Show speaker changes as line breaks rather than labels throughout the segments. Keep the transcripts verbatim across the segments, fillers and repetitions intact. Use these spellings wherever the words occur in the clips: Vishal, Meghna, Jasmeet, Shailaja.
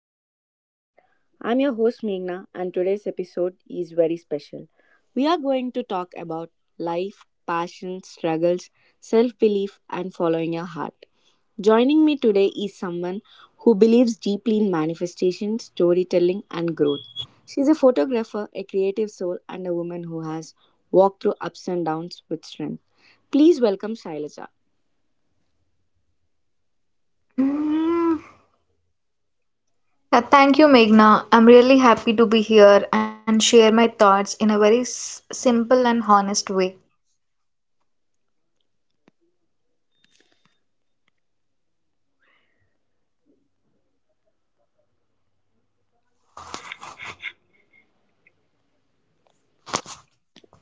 to our podcast. I'm your host, Meghna, and today's episode is very special. We are going to talk about life, passion, struggles, self belief, and following your heart. Joining me today is someone who believes deeply in manifestation, storytelling, and growth. She's a photographer, a creative soul, and a woman who has walked through ups and downs with strength. Please welcome Shailaja.
Mm, uh, Thank you, Meghna. I'm really happy to be here and share my thoughts in a very s- simple and honest way.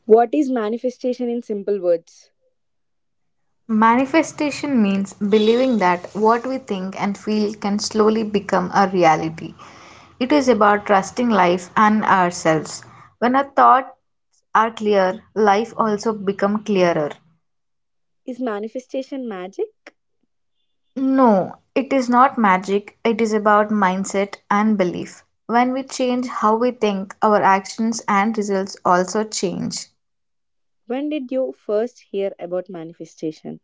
What is manifestation in simple words?
Manifestation means believing that what we think and feel can slowly become a reality. It is about trusting life and ourselves. When our thoughts are clear, life also become clearer.
Is manifestation magic?
No, it is not magic, it is about mindset and belief. When we change how we think, our actions and results also change.
When did you first hear about manifestation?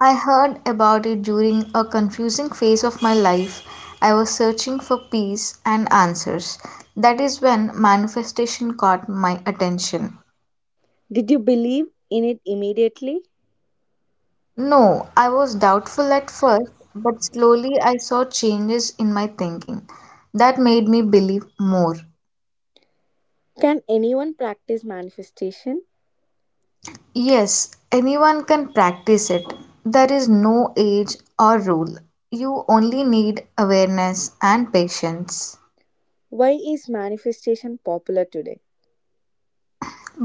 I heard about it during a confusing phase of my life. I was searching for peace and answers. That is when manifestation caught my attention.
Did you believe in it immediately?
No, I was doubtful at first, but slowly I saw changes in my thinking that made me believe more.
Can anyone practice manifestation?
Yes, anyone can practice it. There is no age or rule. You only need awareness and patience
Why is manifestation popular today?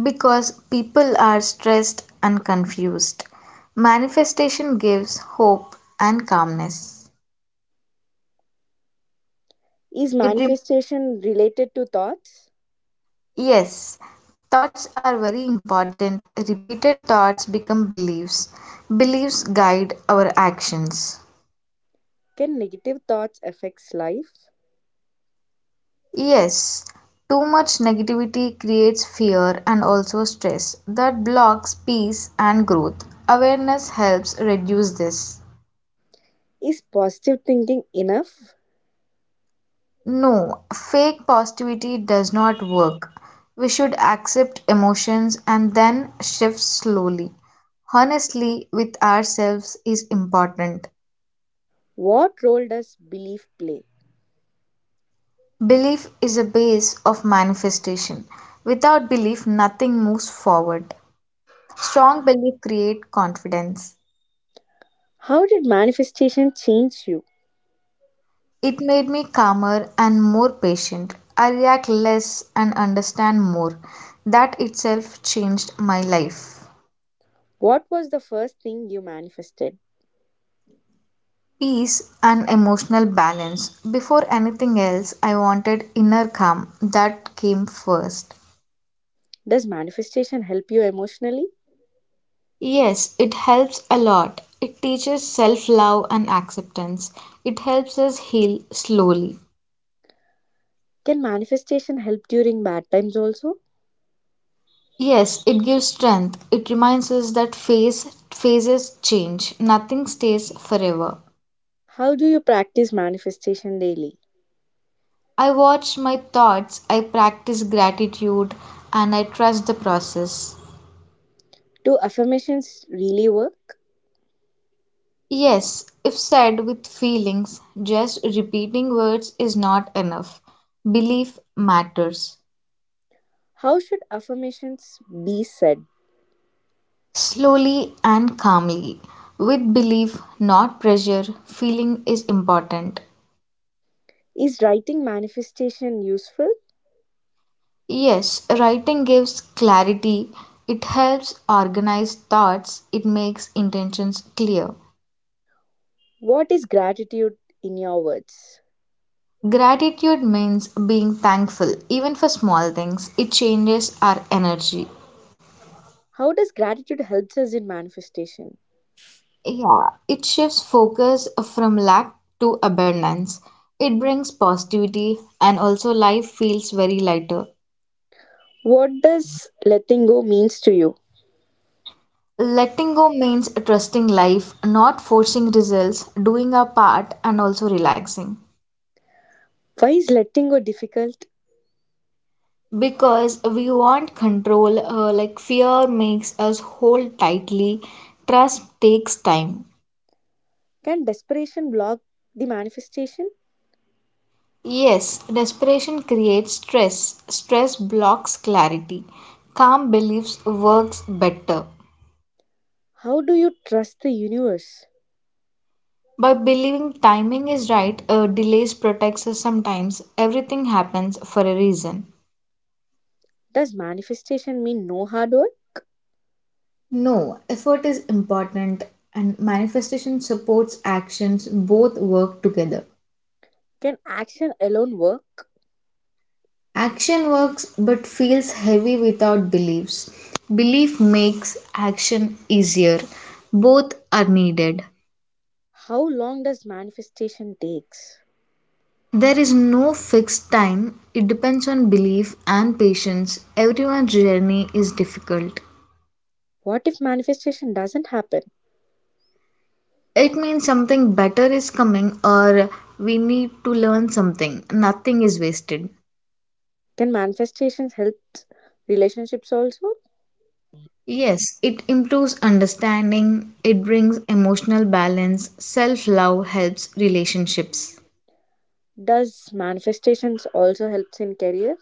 because people are stressed and confused. Manifestation gives hope and calmness.
Is
It rem-
manifestation related to thoughts?
yes, thoughts are very important. Repeated thoughts become beliefs. Beliefs guide our actions.
Can negative thoughts affect life?
Yes, too much negativity creates fear and also stress that blocks peace and growth. Awareness helps reduce this.
Is positive thinking enough?
No, fake positivity does not work. We should accept emotions and then shift slowly. Honestly, with ourselves is important.
What role does belief play?
Belief is a base of manifestation. Without belief, nothing moves forward. Strong belief creates confidence.
How did manifestation change you?
It made me calmer and more patient. I react less and understand more. That itself changed my life.
What was the first thing you manifested?
Peace and emotional balance. Before anything else, I wanted inner calm. That came first.
Does manifestation help you emotionally?
Yes, it helps a lot. It teaches self love and acceptance. It helps us heal slowly.
Can manifestation help during bad times also?
Yes, it gives strength. It reminds us that phase, phases change. Nothing stays forever.
How do you practice manifestation daily?
I watch my thoughts, I practice gratitude, and I trust the process.
Do affirmations really work?
Yes, if said with feelings, just repeating words is not enough. Belief matters.
How should affirmations be said?
Slowly and calmly. With belief, not pressure, feeling is important.
Is writing manifestation useful?
Yes, writing gives clarity. It helps organize thoughts. It makes intentions clear.
What is gratitude in your words?
Gratitude means being thankful, even for small things. It changes our energy.
How does gratitude helps us in manifestation?
Yeah, it shifts focus from lack to abundance. It brings positivity and also life feels very lighter.
What does letting go means to you?
Letting go means trusting life, not forcing results, doing our part, and also relaxing.
Why is letting go difficult?
Because we want control, uh, like fear makes us hold tightly, trust takes time.
Can desperation block the manifestation?
Yes, desperation creates stress. Stress blocks clarity. Calm beliefs works better.
How do you trust the universe?
By believing timing is right, uh, delays protects us sometimes. Everything happens for a reason.
Does manifestation mean no hard work?
No, effort is important and manifestation supports actions. Both work together.
Can action alone work?
Action works but feels heavy without beliefs. Belief makes action easier. Both are needed.
How long does manifestation takes?
There is no fixed time, it depends on belief and patience. Everyone's journey is difficult.
What if manifestation doesn't happen?
It means something better is coming or we need to learn something. Nothing is wasted.
Can manifestations help relationships also?
Yes, it improves understanding, it brings emotional balance, self love helps relationships.
Does manifestations also helps in career?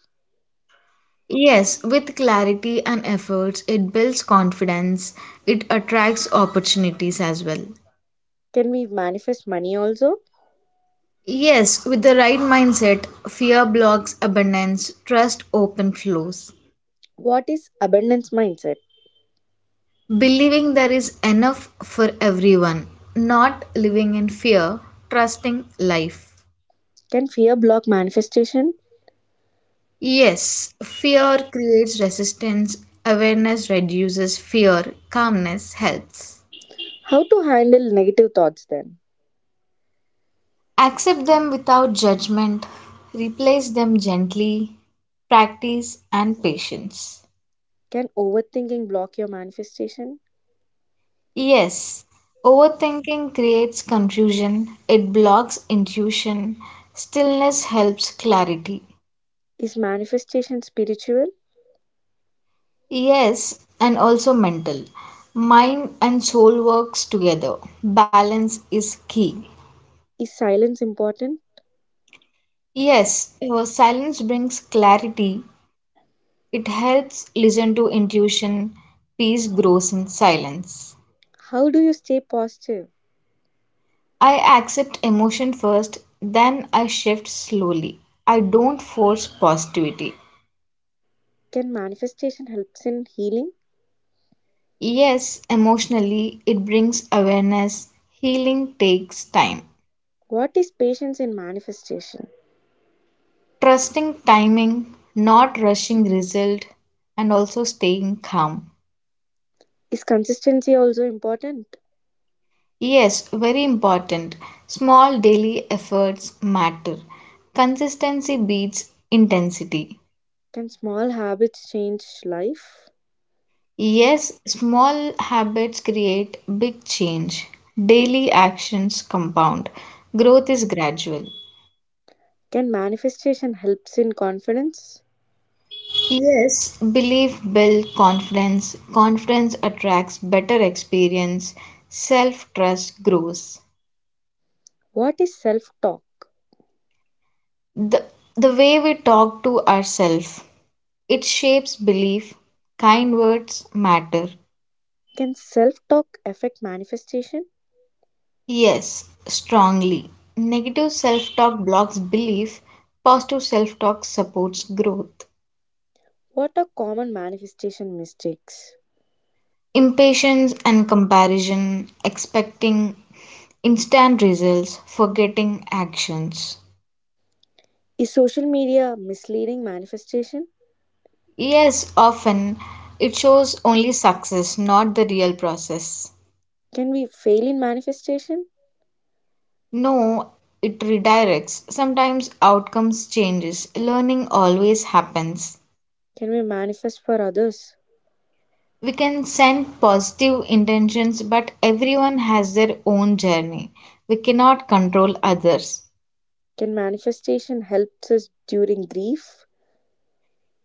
Yes, with clarity and efforts, it builds confidence, it attracts opportunities as well.
Can we manifest money also?
Yes, with the right mindset, fear blocks abundance, trust open flows.
What is abundance mindset?
Believing there is enough for everyone, not living in fear, trusting life.
Can fear block manifestation?
Yes, fear creates resistance, awareness reduces fear, calmness helps.
How to handle negative thoughts then?
Accept them without judgment, replace them gently, practice and patience.
Can overthinking block your manifestation?
Yes, overthinking creates confusion, it blocks intuition, stillness helps clarity.
Is manifestation spiritual?
Yes, and also mental. Mind and soul works together. Balance is key.
Is silence important?
Yes, uh, silence brings clarity. It helps listen to intuition. Peace grows in silence.
How do you stay positive?
I accept emotion first, then I shift slowly. I don't force positivity.
Can manifestation helps in healing?
Yes, emotionally, it brings awareness. Healing takes time.
What is patience in manifestation?
Trusting timing, not rushing result, and also staying calm.
Is consistency also important?
Yes, very important. Small daily efforts matter. Consistency beats intensity.
Can small habits change life?
Yes, small habits create big change. Daily actions compound. Growth is gradual.
Can manifestation helps in confidence?
Yes, belief builds confidence, confidence attracts better experience, self trust grows.
What is self-talk?
The, the way we talk to ourselves, it shapes belief. Kind words matter.
Can self-talk affect manifestation?
Yes, strongly. Negative self talk blocks belief, positive self talk supports growth.
What are common manifestation mistakes?
Impatience and comparison, expecting instant results, forgetting actions.
Is social media misleading manifestation?
Yes, often it shows only success, not the real process.
Can we fail in manifestation?
No, it redirects. Sometimes outcomes changes. Learning always happens.
Can we manifest for others?
We can send positive intentions, but everyone has their own journey. We cannot control others.
Can manifestation helps us during grief?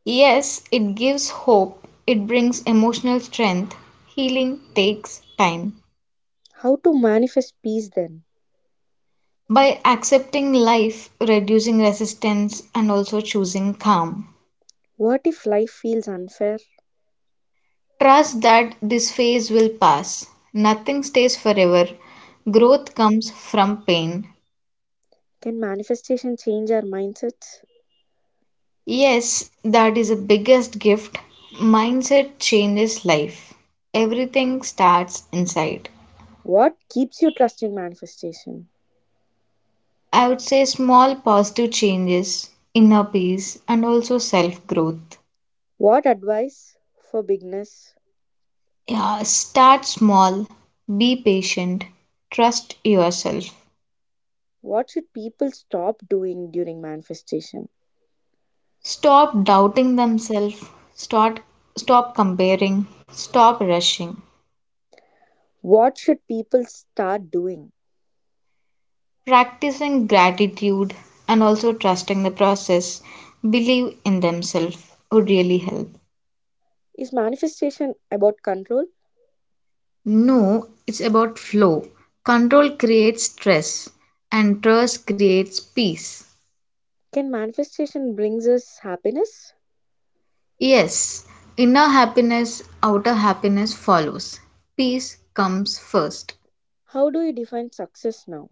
Yes, it gives hope. It brings emotional strength. Healing takes time.
How to manifest peace then?
By accepting life, reducing resistance, and also choosing calm.
What if life feels unfair?
Trust that this phase will pass. Nothing stays forever. Growth comes from pain.
Can manifestation change our mindsets?
Yes, that is the biggest gift. Mindset changes life. Everything starts inside.
What keeps you trusting manifestation?
I would say small positive changes, inner peace, and also self growth.
What advice for beginners?
Yeah, start small, be patient, trust yourself.
What should people stop doing during manifestation?
Stop doubting themselves, start, stop comparing, stop rushing.
What should people start doing?
Practicing gratitude and also trusting the process, believe in themselves would really help.
Is manifestation about control?
No, it's about flow. Control creates stress, and trust creates peace.
Can manifestation brings us happiness?
Yes, inner happiness, outer happiness follows. Peace comes first.
How do you define success now?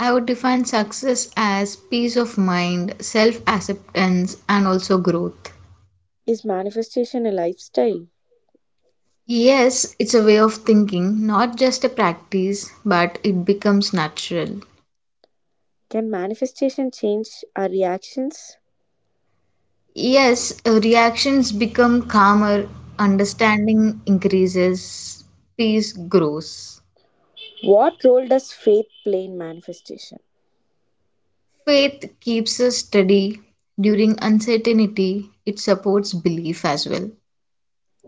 I would define success as peace of mind, self acceptance, and also growth.
Is manifestation a lifestyle?
Yes, it's a way of thinking, not just a practice, but it becomes natural.
Can manifestation change our reactions?
Yes, uh, reactions become calmer, understanding increases, peace grows.
What role does faith play in manifestation?
Faith keeps us steady during uncertainty, it supports belief as well.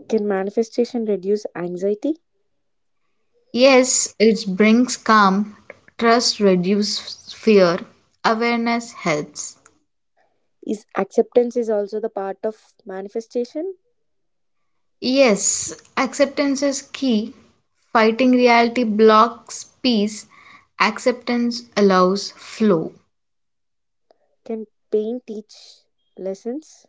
Can manifestation reduce anxiety?
Yes, it brings calm, trust reduces fear, awareness helps.
Is acceptance is also the part of manifestation?
Yes, acceptance is key. Fighting reality blocks peace, acceptance allows flow.
Can pain teach lessons?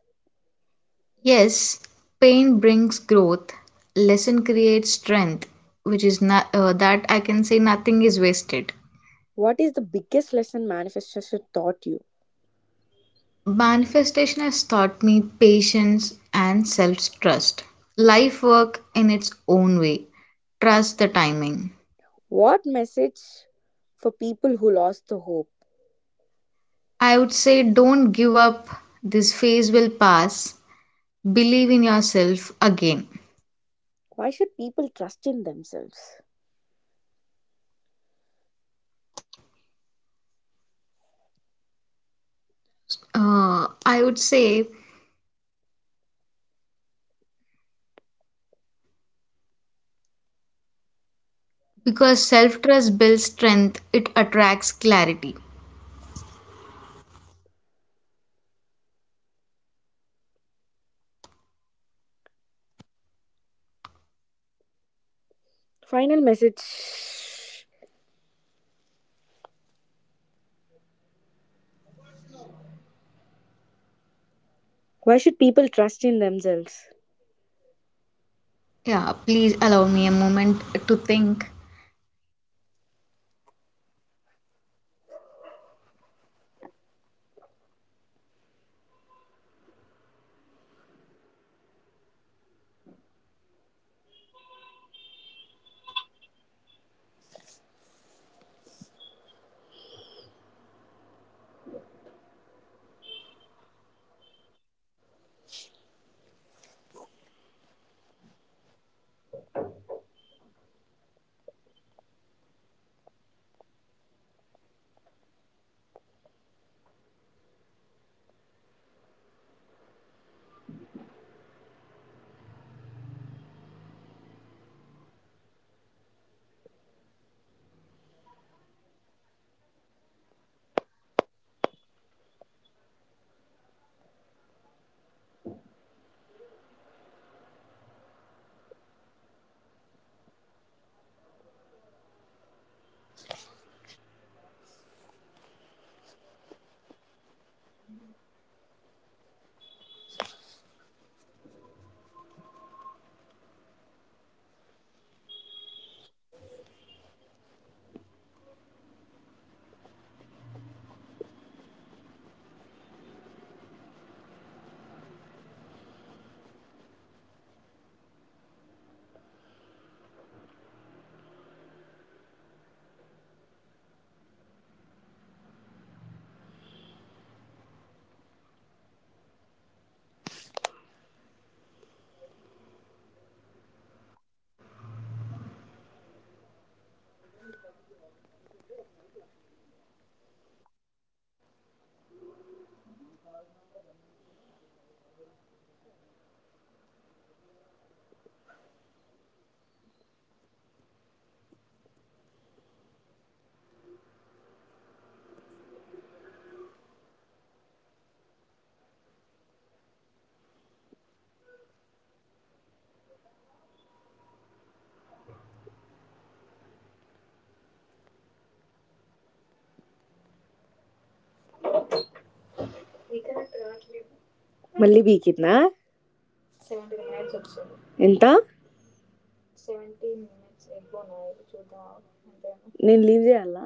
Yes, pain brings growth, lesson creates strength, which is not uh, that I can say nothing is wasted.
What is the biggest lesson manifestation taught you?
Manifestation has taught me patience and self trust. Life work in its own way. Trust the timing.
What message for people who lost the hope?
I would say don't give up. This phase will pass. Believe in yourself again.
Why should people trust in themselves?
Uh, I would say because self trust builds strength, it attracts clarity.
Final message. Why should people trust in themselves?
Yeah, please allow me a moment to think.
మళ్ళీ బీకిందా ఎంత నేను leave చేయాలా